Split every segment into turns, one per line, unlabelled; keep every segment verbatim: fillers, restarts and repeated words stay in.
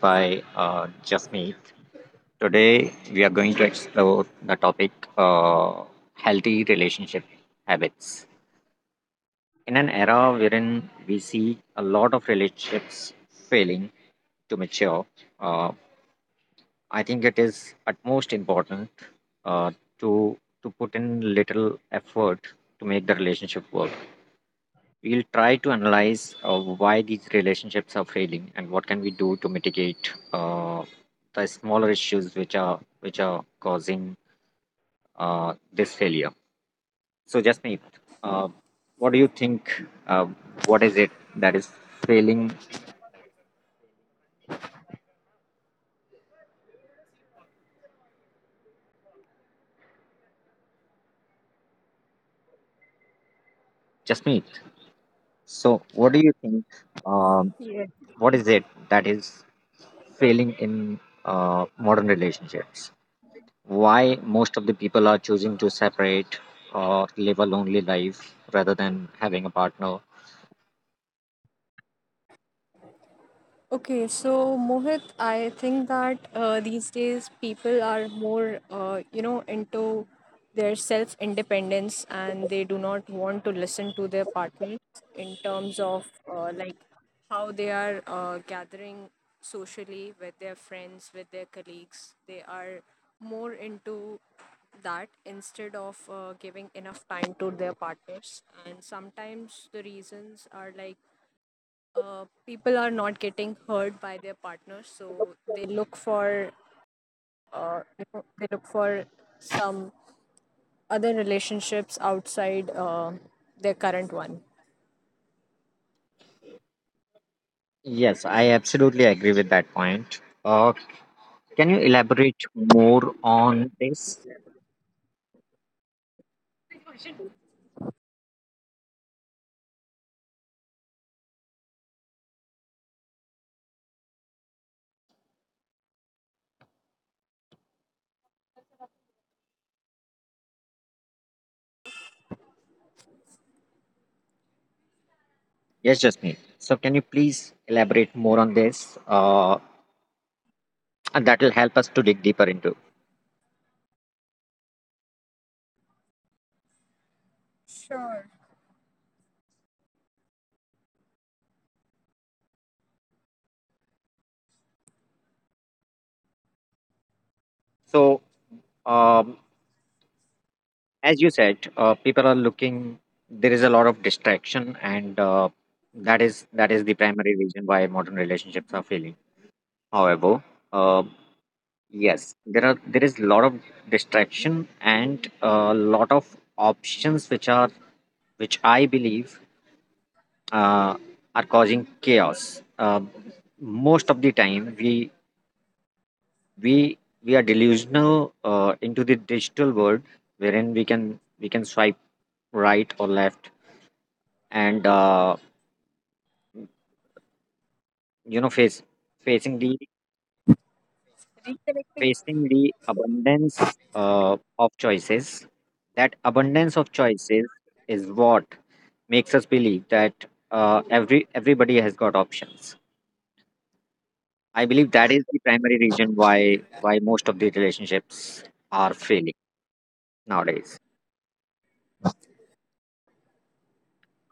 by uh, Jasmeet. Today we are going to explore the topic uh, healthy relationship habits. In an era wherein we see a lot of relationships failing to mature, uh, I think it is utmost important uh, to to put in little effort to make the relationship work. We'll try to analyze uh, why these relationships are failing and what can we do to mitigate uh, the smaller issues which are which are causing uh, this failure. So, Jasmeet, uh, what do you think? Uh, what is it that is failing, Jasmeet? So, what do you think? Um,
Yeah.
what is it that is failing in uh, modern relationships? Why most of the people are choosing to separate or live a lonely life rather than having a partner.
Okay, so Mohit, I think that uh, these days people are more, uh, you know, into their self independence, and they do not want to listen to their partners in terms of uh, like how they are uh, gathering socially with their friends, with their colleagues. They are more into that instead of uh, giving enough time to their partners. And sometimes the reasons are like uh, people are not getting hurt by their partners, so they look for uh, you know, they look for some other relationships outside uh, their current one.
Yes, I absolutely agree with that point. Uh, can you elaborate more on this? Yes, just me. So, can you please elaborate more on this? Uh, and that will help us to dig deeper into.
Sure.
So, um, as you said, uh, people are looking. There is a lot of distraction, and uh, that is that is the primary reason why modern relationships are failing. However, uh, yes, there are there is a lot of distraction and a lot of options which are which I believe uh, are causing chaos. Uh, most of the time, we we we are delusional uh, into the digital world, wherein we can we can swipe right or left, and uh, you know face facing the
Reconnecting.
facing the abundance uh, of choices. That abundance of choices is what makes us believe that uh, every everybody has got options. I believe that is the primary reason why why most of the relationships are failing nowadays.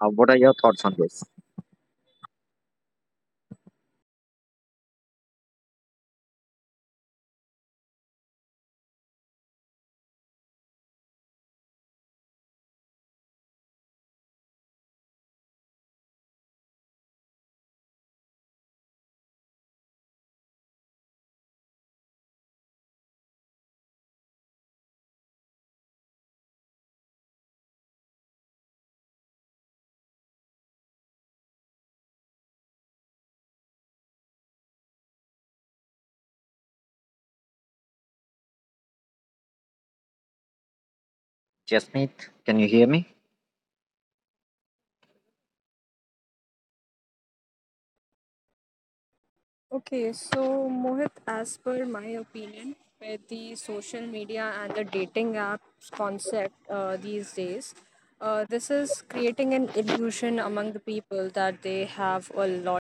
Uh, what are your thoughts on this, Jasmeet? Can you hear me?
Okay, so Mohit, as per my opinion, with the social media and the dating apps concept uh, these days, uh, this is creating an illusion among the people that they have a lots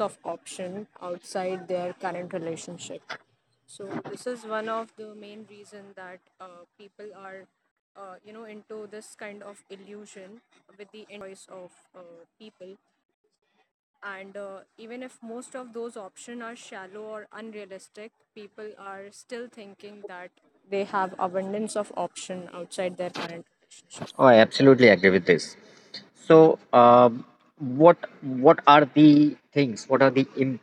of option outside their current relationship. So this is one of the main reason that uh, people are, uh, you know, into this kind of illusion with the choice of uh, people. And uh, even if most of those options are shallow or unrealistic, people are still thinking that they have abundance of option outside their current relationship.
Oh, I absolutely agree with this. So, um what what are the things? What are the im-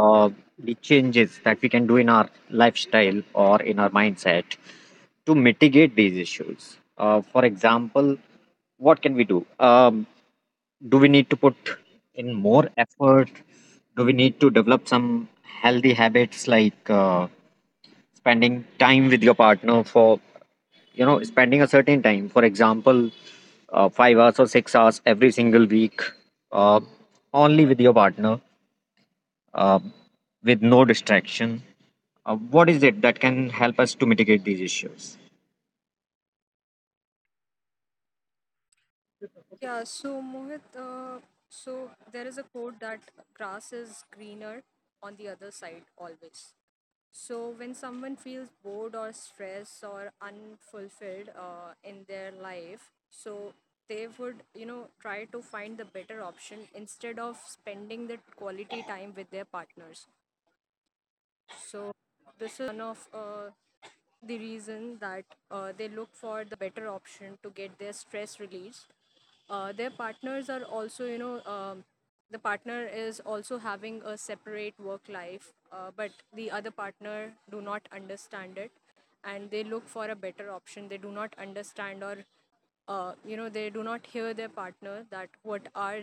uh, the changes that we can do in our lifestyle or in our mindset to mitigate these issues? Uh, for example, what can we do? Um, do we need to put in more effort? Do we need to develop some healthy habits like uh, spending time with your partner for, you know, spending a certain time? For example, uh, five hours or six hours every single week, uh, only with your partner, uh, with no distraction. Uh, what is it that can help us to mitigate these issues?
Yeah. So Mohit, uh, so there is a quote that grass is greener on the other side always. So, when someone feels bored or stressed or unfulfilled uh, in their life, so they would, you know, try to find the better option instead of spending the quality time with their partners. So this of uh, the reason that uh, they look for the better option to get their stress released. Uh, their partners are also, you know, um, the partner is also having a separate work life, uh, but the other partner do not understand it, and they look for a better option. They do not understand or uh, you know they do not hear their partner that what are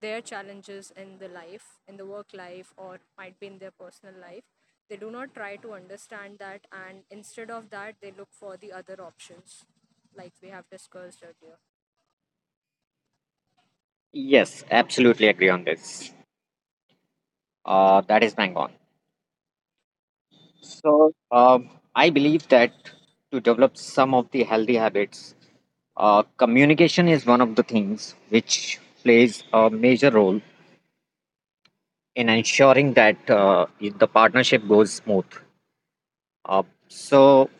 their challenges in the life, in the work life, or might be in their personal life. They do not try to understand that, and instead of that they look for the other options like we have discussed earlier.
Yes, absolutely agree on this. Uh, that is bang on. So, um, I believe that to develop some of the healthy habits, uh, communication is one of the things which plays a major role in ensuring that uh, the partnership goes smooth. Uh, so,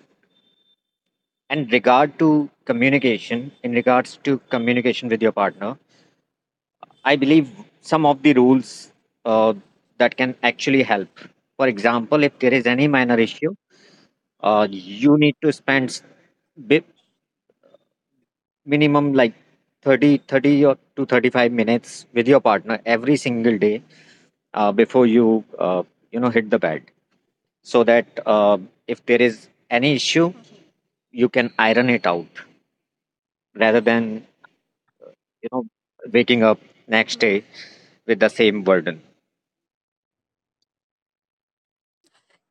in regard to communication, in regards to communication with your partner, I believe some of the rules uh, that can actually help. For example, if there is any minor issue, uh, you need to spend s- bi- minimum like thirty, thirty or to thirty-five minutes with your partner every single day uh, before you uh, you know hit the bed so that uh, if there is any issue you can iron it out rather than, you know, waking up next day with the same burden.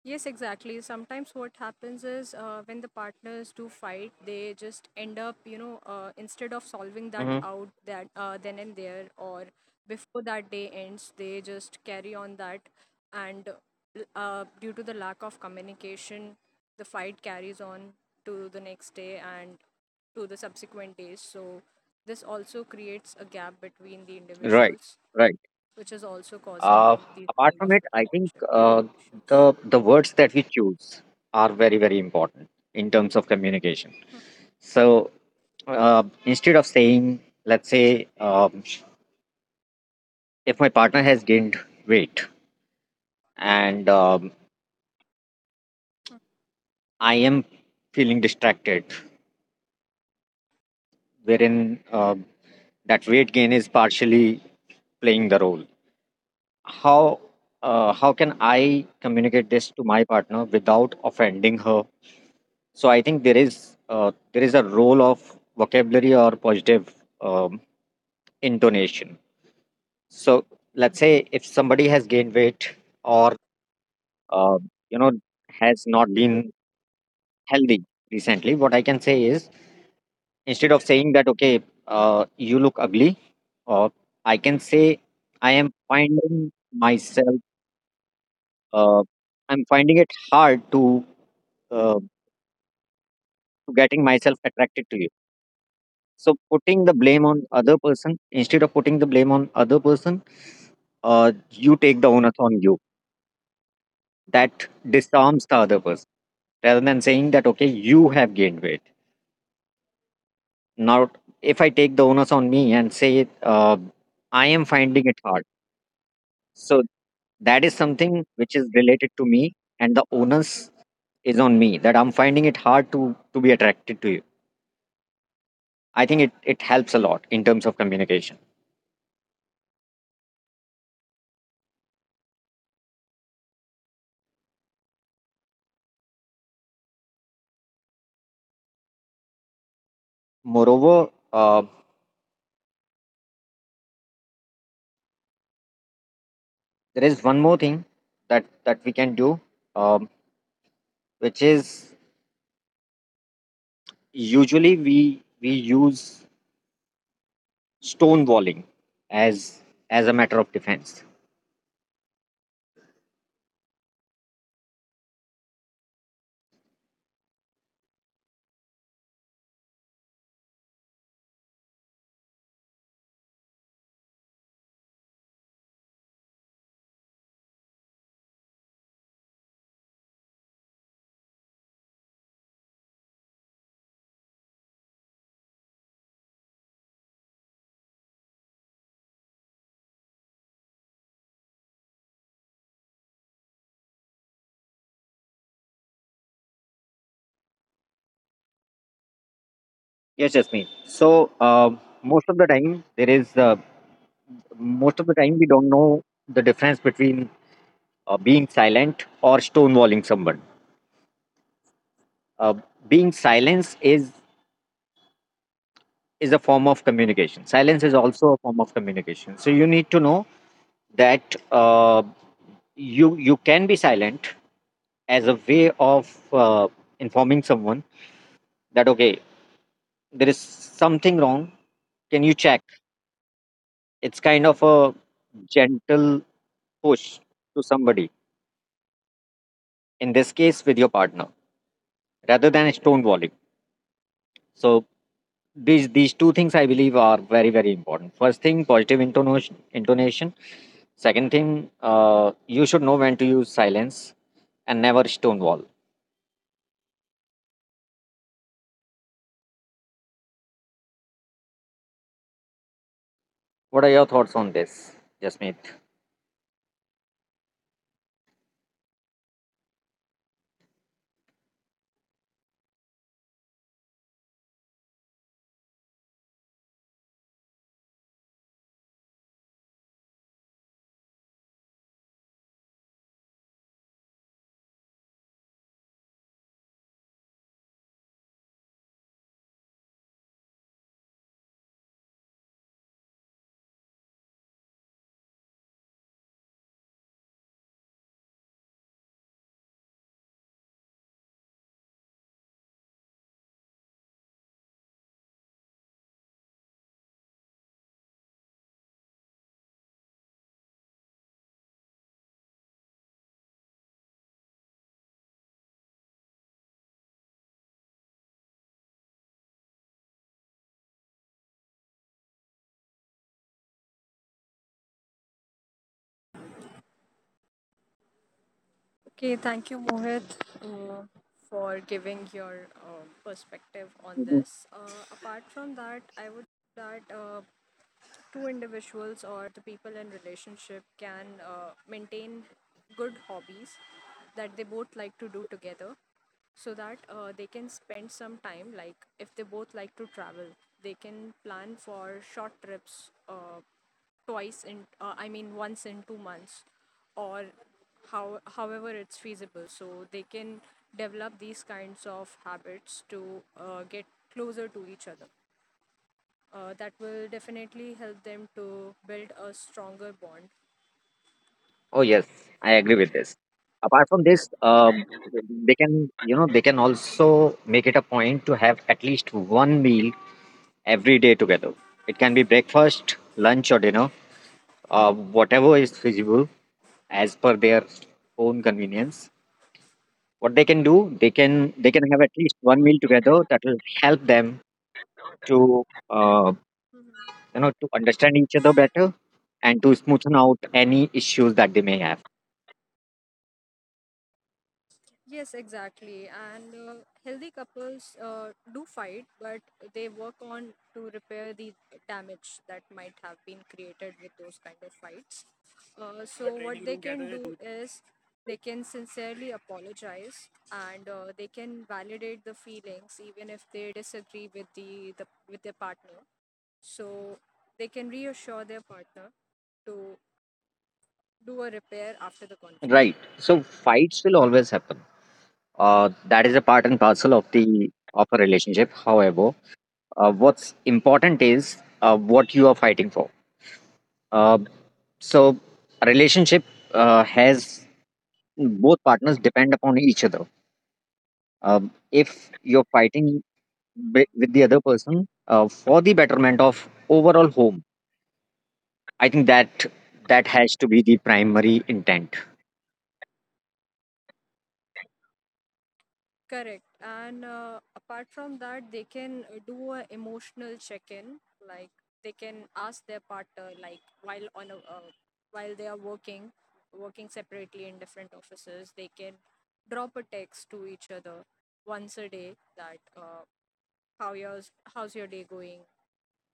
Yes, exactly. Sometimes what happens is uh, when the partners do fight, they just end up, you know, uh, instead of solving that
Hmm
out that uh, then and there or before that day ends, they just carry on that, and uh, due to the lack of communication, the fight carries on to the next day and to the subsequent days. So this also creates a gap between the
right,
individuals,
right.
which is also
uh,
causing these
apart
kind
from
of
it, I think
relationship
uh, the
issues.
the words that we choose are very, very important in terms of communication. So Uh, instead of saying, let's say, um, if my partner has gained weight and um, I am feeling distracted, wherein um that weight gain is partially playing the role. How uh, how can I communicate this to my partner without offending her? So I think there is uh, there is a role of vocabulary or positive um, intonation. So let's say if somebody has gained weight or uh, you know has not been healthy recently, what I can say is, instead of saying that, okay, uh, you look ugly, uh, I can say I am finding myself, uh, I'm finding it hard to uh, to getting myself attracted to you. So putting the blame on other person, instead of putting the blame on other person uh, you take the onus on you, that disarms the other person rather than saying that, okay, you have gained weight. Now, if I take the onus on me and say, uh, I am finding it hard. So that is something which is related to me, and the onus is on me that I'm finding it hard to to be attracted to you. I think it it helps a lot in terms of communication. Moreover, uh, there is one more thing that that we can do, um, which is usually we we use stonewalling as as a matter of defense. Yes, just me. So um, most of the time, there is uh, most of the time we don't know the difference between uh, being silent or stonewalling someone. Uh, being silence is is a form of communication. Silence is also a form of communication. So you need to know that uh, you you can be silent as a way of uh, informing someone that, okay, there is something wrong. Can you check? It's kind of a gentle push to somebody, in this case with your partner, rather than stonewalling. So these these two things I believe are very, very important. First thing, positive intonation intonation Second thing, uh, you should know when to use silence and never stonewall. What are your thoughts on this, Jasmeet?
Okay, thank you, Mohit, uh, for giving your um perspective on
Mhm.
this. Uh, apart from that, I would that uh, two individuals or the people in relationship can uh, maintain good hobbies that they both like to do together, so that uh, they can spend some time. Like if they both like to travel, they can plan for short trips uh, twice in uh, i mean once in two months, or how however it's feasible, so they can develop these kinds of habits to uh, get closer to each other, uh, that will definitely help them to build a stronger bond.
Oh yes, I agree with this. Apart from this, um, they can, you know, they can also make it a point to have at least one meal every day together. It can be breakfast, lunch, or dinner, uh, whatever is feasible as per their own convenience. What they can do, they can they can have at least one meal together. That will help them to uh, you know to understand each other better and to smoothen out any issues that they may have.
Yes, exactly. And uh, healthy couples uh, do fight, but they work on to repair the damage that might have been created with those kind of fights. Uh, so But when what they look at can a do true is they can sincerely apologize, and uh, they can validate the feelings even if they disagree with the, the with their partner. So they can reassure their partner to do a repair after the
Right.
conflict.
So fights will always happen. Uh, that is a part and parcel of the of a relationship. However, uh, what's important is uh, what you are fighting for. Uh, so a relationship uh, has both partners depend upon each other. Um, if you're fighting wi- with the other person uh, for the betterment of overall home, I think that that has to be the primary intent.
Correct. And uh, apart from that, they can uh, do a emotional check-in. Like they can ask their partner, like while on a, uh, while they are working, working separately in different offices, they can drop a text to each other once a day that uh, how yours, how's your day going,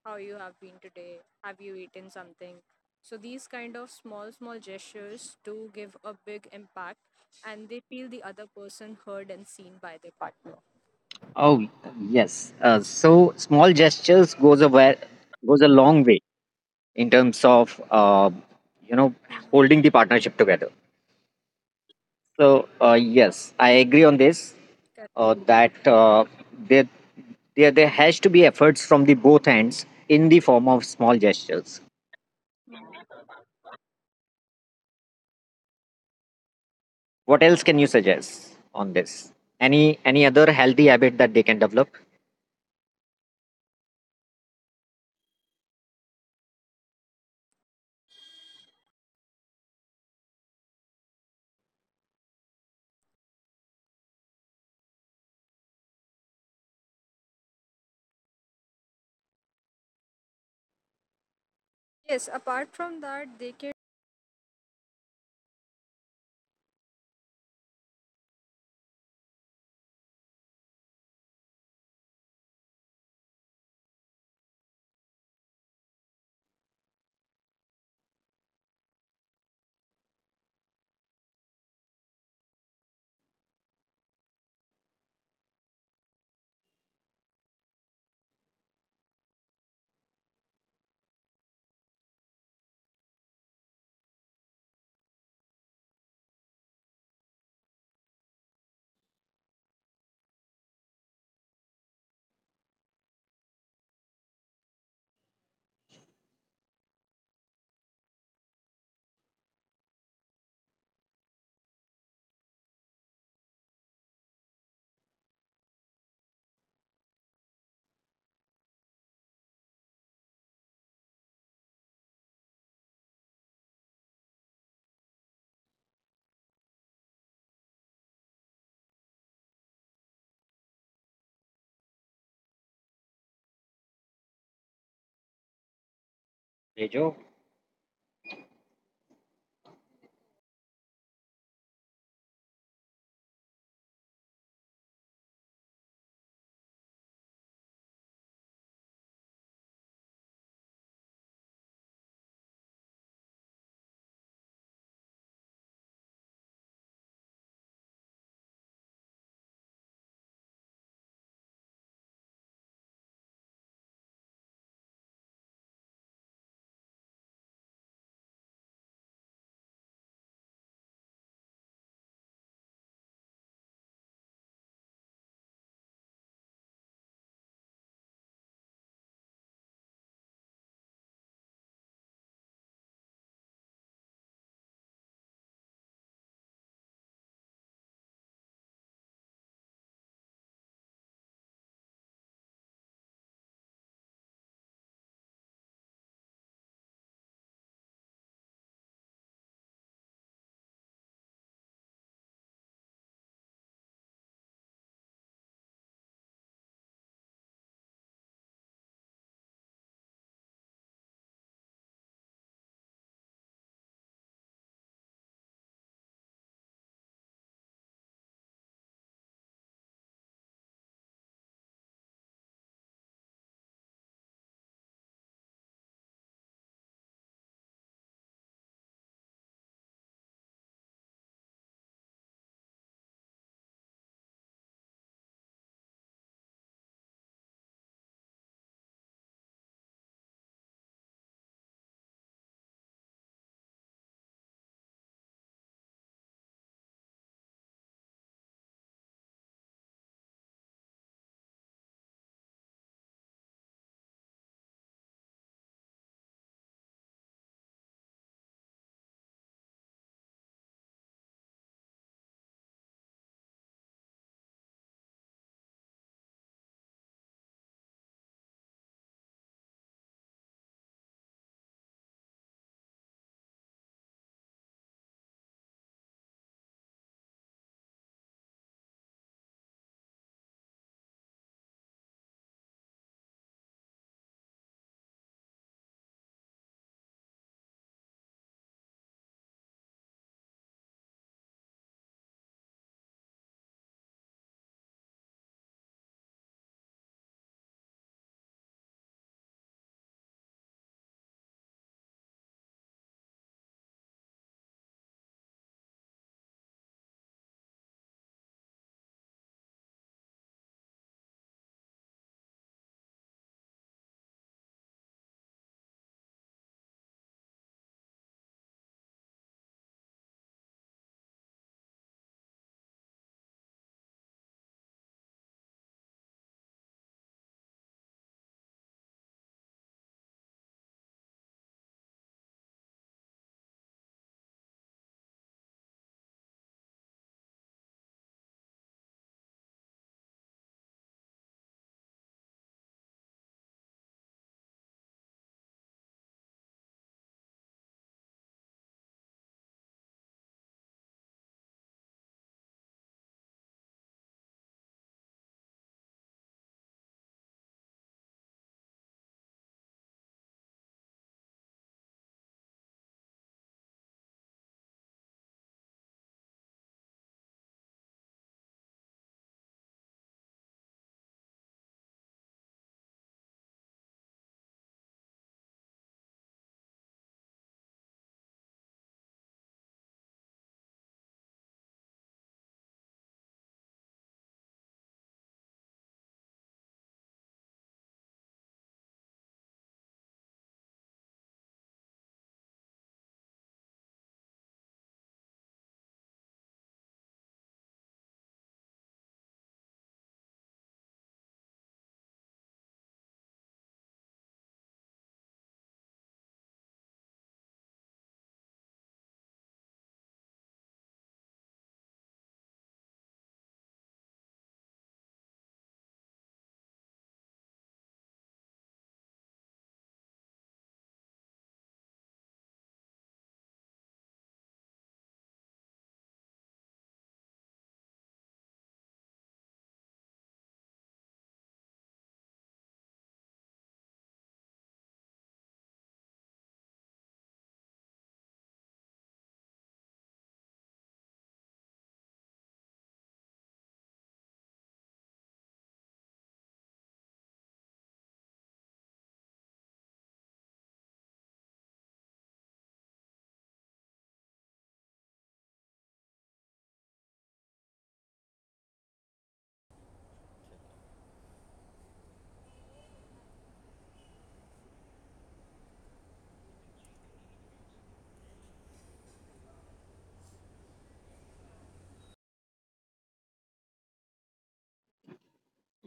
how you have been today, have you eaten something. So these kind of small, small gestures do give a big impact, and they feel the other person heard and seen by their partner.
Oh yes. Uh, so small gestures goes a way, goes a long way in terms of uh, you know
Mhm.
holding the partnership together. So uh, yes, I agree on this.
Correct.
Uh, that uh, there, there there has to be efforts from the both ends in the form of small gestures. What else can you suggest on this? Any any other healthy habit that they can develop,
Yes, apart from that, they can.
Tejo?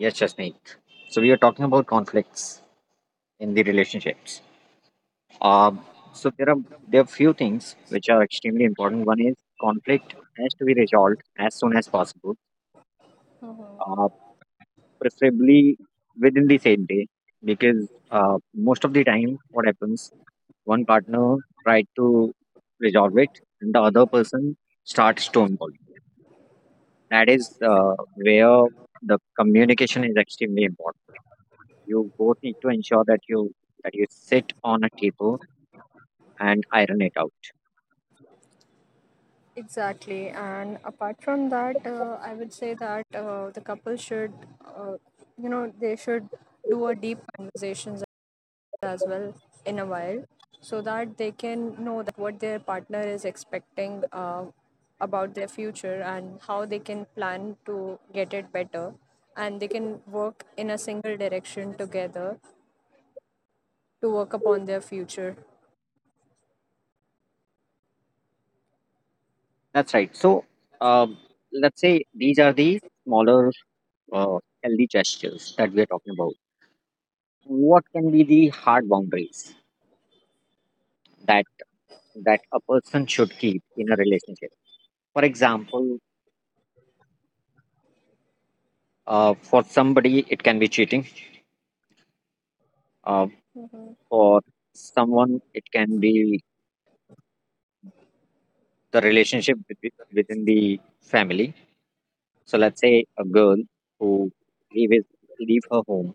Yes, Jasmeet. So we are talking about conflicts in the relationships. um, so there are there are few things which are extremely important. One is, conflict has to be resolved as soon as possible,
Mhm.
uh, preferably within the same day, because uh, most of the time what happens, one partner tried to resolve it and the other person starts to involve. That is uh, where the communication is extremely important. You both need to ensure that you, that you sit on a table and iron it out.
Exactly. And apart from that, uh, I would say that uh, the couple should, uh, you know, they should do a deep conversations as well in a while, so that they can know that what their partner is expecting uh, about their future and how they can plan to get it better. And they can work in a single direction together to work upon their future.
That's right. So um, let's say these are the smaller uh, healthy gestures that we are talking about. What can be the hard boundaries that that a person should keep in a relationship? For example, uh, for somebody it can be cheating, uh, for someone it can be the relationship with- within the family. So let's say a girl who leave his leave her home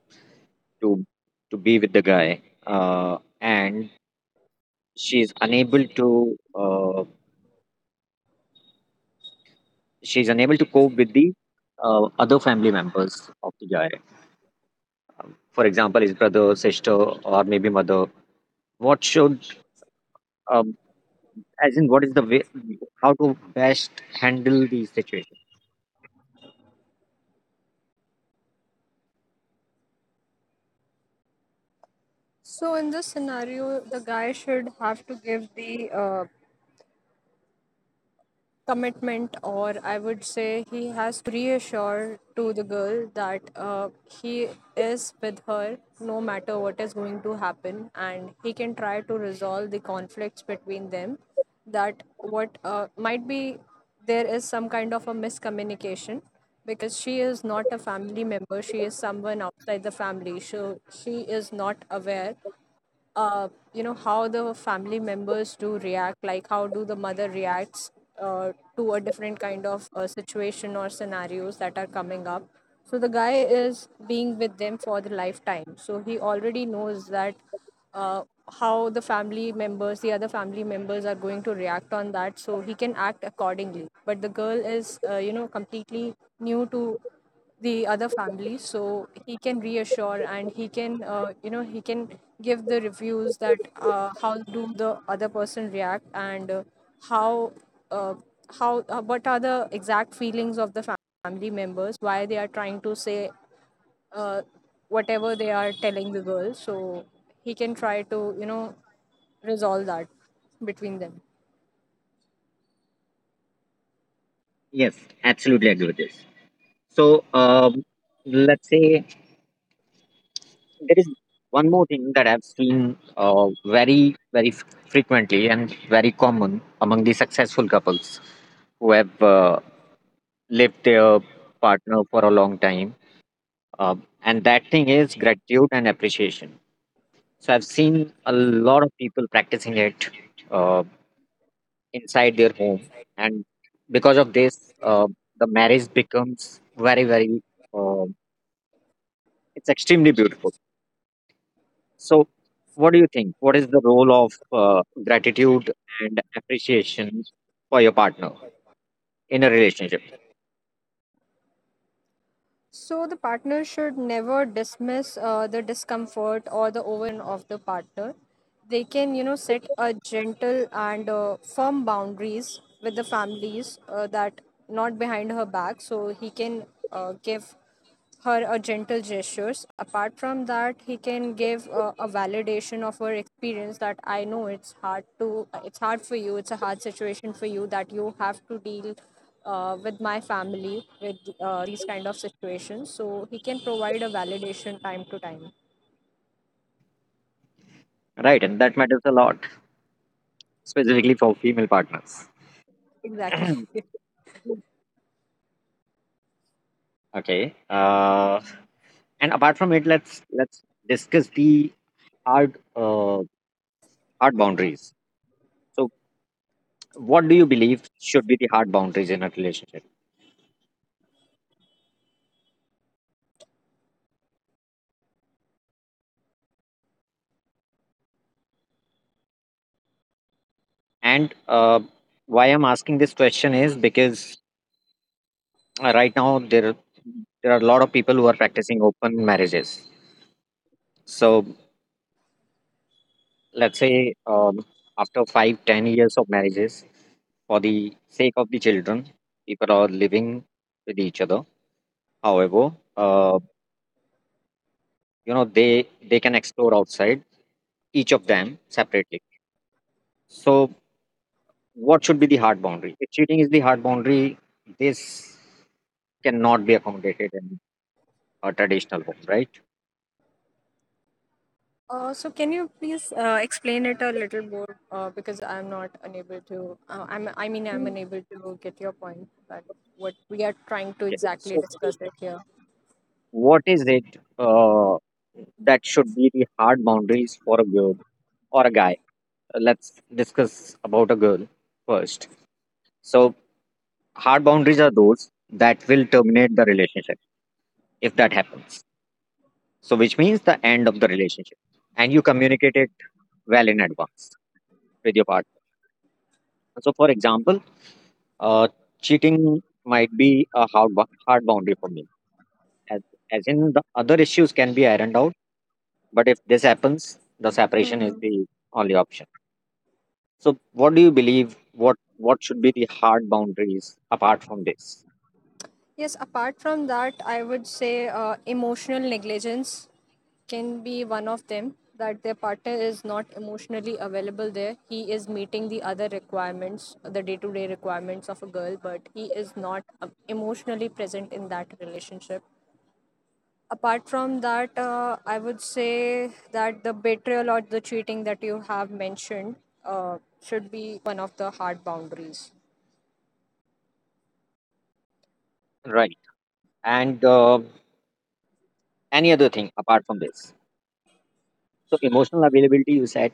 to to be with the guy, uh, and she's unable to uh, she's unable to cope with the uh, other family members of the guy. Um, For example, his brother, sister, or maybe mother. What should, um, as in, what is the way how to best handle these situations?
So in this scenario, the guy should have to give the uh, commitment, or I would say he has reassure to the girl that uh, he is with her no matter what is going to happen, and he can try to resolve the conflicts between them, that what uh, might be there is some kind of a miscommunication. Because she is not a family member, she is someone outside the family, so she is not aware uh, you know how the family members do react, like how do the mother reacts uh, to a different kind of uh, situation or scenarios that are coming up. So the guy is being with them for the lifetime, so he already knows that uh, how the family members, the other family members are going to react on that, so he can act accordingly. But the girl is uh, you know completely new to the other family, so he can reassure, and he can uh, you know he can give the reviews that uh, how do the other person react, and uh, how uh, how uh, what are the exact feelings of the family members, why they are trying to say uh, whatever they are telling the girl. So he can try to you know resolve that between them.
Yes, absolutely agree with this. So um, let's say there is one more thing that I've seen uh, very, very f- frequently and very common among the successful couples who have uh, lived their partner for a long time, uh, and that thing is gratitude and appreciation. So I've seen a lot of people practicing it uh, inside their home, and because of this, uh, the marriage becomes very, very. Uh, it's extremely beautiful. So, what do you think? What is the role of uh, gratitude and appreciation for your partner in a relationship?
So the partner should never dismiss uh, the discomfort or the of the partner. They can, you know, set a gentle and uh, firm boundaries with the families uh, that not behind her back, so he can uh, give her a gentle gestures. Apart from that, he can give uh, a validation of her experience, that I know it's hard to, it's hard for you. It's a hard situation for you that you have to deal uh, with my family, with uh, these kind of situations. So he can provide a validation time to time.
Right, and that matters a lot, specifically for female partners.
Exactly.
Okay. Uh, and apart from it, let's let's discuss the hard uh, hard boundaries. So, what do you believe should be the hard boundaries in a relationship? And uh, why I'm asking this question is because uh, right now there there are a lot of people who are practicing open marriages. So, let's say um, after five, ten years of marriages, for the sake of the children, people are living with each other. However, uh, you know they they can explore outside, each of them separately. So, what should be the hard boundary? If cheating is the hard boundary, this cannot be accommodated in a traditional home, right?
Uh, so can you please uh, explain it a little more, uh, because I'm not unable to uh, I'm I mean, I'm
Mm.
unable to get your point, but what we are trying to
Okay.
exactly
So,
discuss it here.
what is it uh, that should be the hard boundaries for a girl or a guy? Uh, Let's discuss about a girl first. So, hard boundaries are those that will terminate the relationship if that happens. So, which means the end of the relationship, and you communicate it well in advance with your partner. So, for example, uh, cheating might be a hard, bou- hard boundary for me, as, as in the other issues can be ironed out, but if this happens, the separation is the only option. So what do you believe, what what should be the hard boundaries apart from this,
Yes, apart from that, I would say uh, emotional negligence can be one of them, that their partner is not emotionally available there. He is meeting the other requirements, the day to day requirements of a girl, but he is not uh, emotionally present in that relationship. Apart from that, uh, I would say that the betrayal or the cheating that you have mentioned uh, should be one of the hard boundaries.
right? And uh, any other thing apart from this? So emotional availability, you said,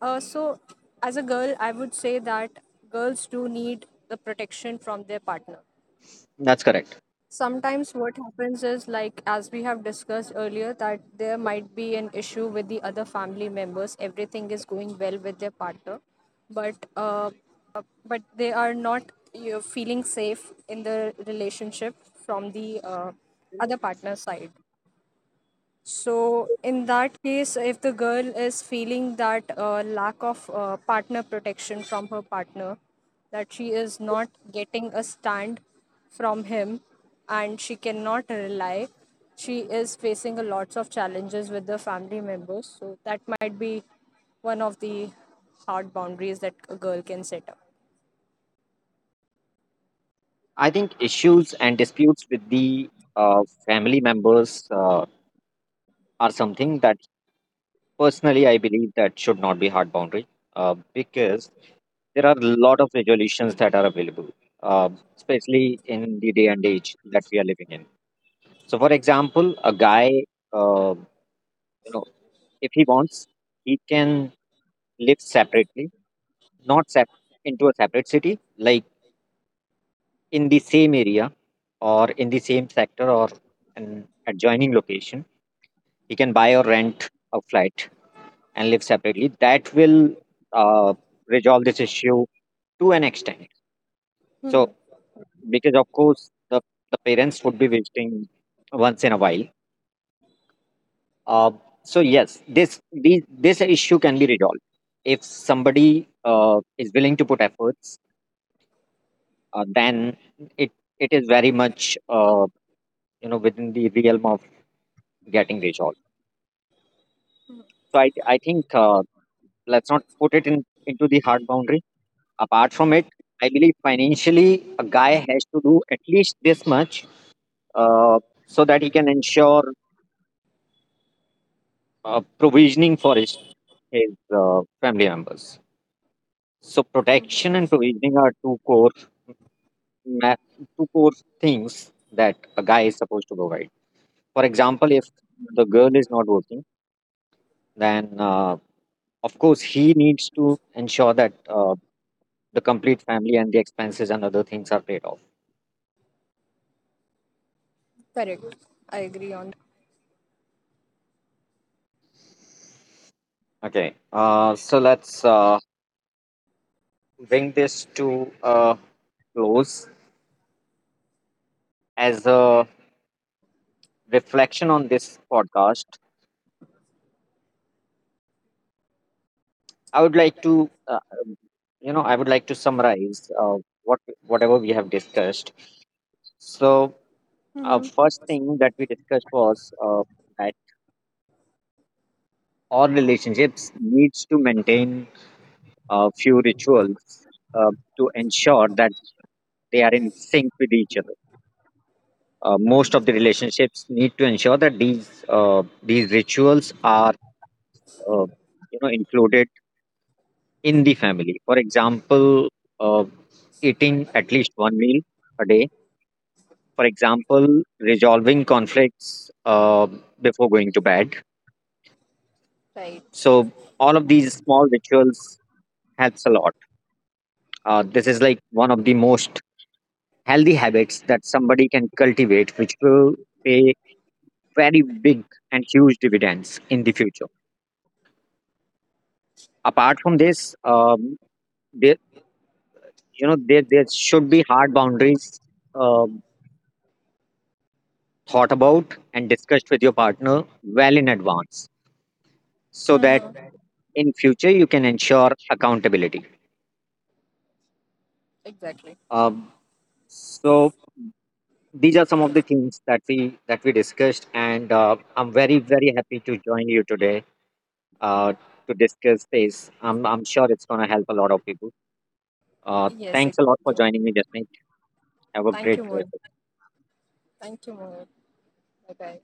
Uh, so, as a girl, I would say that girls do need the protection from their partner.
that's correct.
Sometimes, what happens is, like, as we have discussed earlier, that there might be an issue with the other family members. Everything is going well with their partner, but uh, but they are not, you know, feeling safe in the relationship from the uh, other partner side. So, in that case, if the girl is feeling that uh, lack of uh, partner protection from her partner, that she is not getting a stand from him, and she cannot rely, she is facing a lots of challenges with the family members. So, that might be one of the hard boundaries that a girl can set up.
I think issues and disputes with the uh, family members uh, are something that personally I believe that should not be hard boundary, uh, because there are a lot of resolutions that are available, uh, especially in the day and age that we are living in. So, for example, a guy, uh, you know, if he wants, he can live separately, not sep- into a separate city, like in the same area or in the same sector or an adjoining location. He can buy or rent a flat and live separately. That will uh, resolve this issue to an extent. So because of course the, the parents would be visiting once in a while, uh, so yes, this, this this issue can be resolved if somebody uh, is willing to put efforts, uh, then it it is very much, uh, you know within the realm of getting resolved. So i i think, uh, let's not put it in into the hard boundary. Apart from it, I believe financially, a guy has to do at least this much uh, so that he can ensure uh, provisioning for his, his uh, family members. So, protection and provisioning are two core ma- two core things that a guy is supposed to provide. For example, if the girl is not working, then uh, of course he needs to ensure that uh, the complete family and the expenses and other things are paid off.
Correct. I agree on that.
Okay, uh, so let's uh, bring this to a close. As a reflection on this podcast, I would like to, uh, you know, I would like to summarize uh, what whatever we have discussed. So, uh, first thing that we discussed was uh, that all relationships needs to maintain a few rituals uh, to ensure that they are in sync with each other. Uh, most of the relationships need to ensure that these uh, these rituals are, uh, you know included in the family. For example, uh, eating at least one meal a day. For example, resolving conflicts uh, before going to bed.
Right,
So all of these small rituals helps a lot. Uh, this is like one of the most healthy habits that somebody can cultivate, which will pay very big and huge dividends in the future. Apart from this, um, there you know there there should be hard boundaries, um, thought about and discussed with your partner well in advance, so that in future you can ensure accountability.
exactly.
um, so these are some of the things that we that we discussed, and uh, i'm very, very happy to join you today uh, to discuss this. I'm i'm sure it's going to help a lot of people. Uh,
Yes,
thanks a lot for
exactly.
joining me, Jasmine. Have a
Thank
great
you,
day.
Mohan. Thank you, Mohan. Bye bye.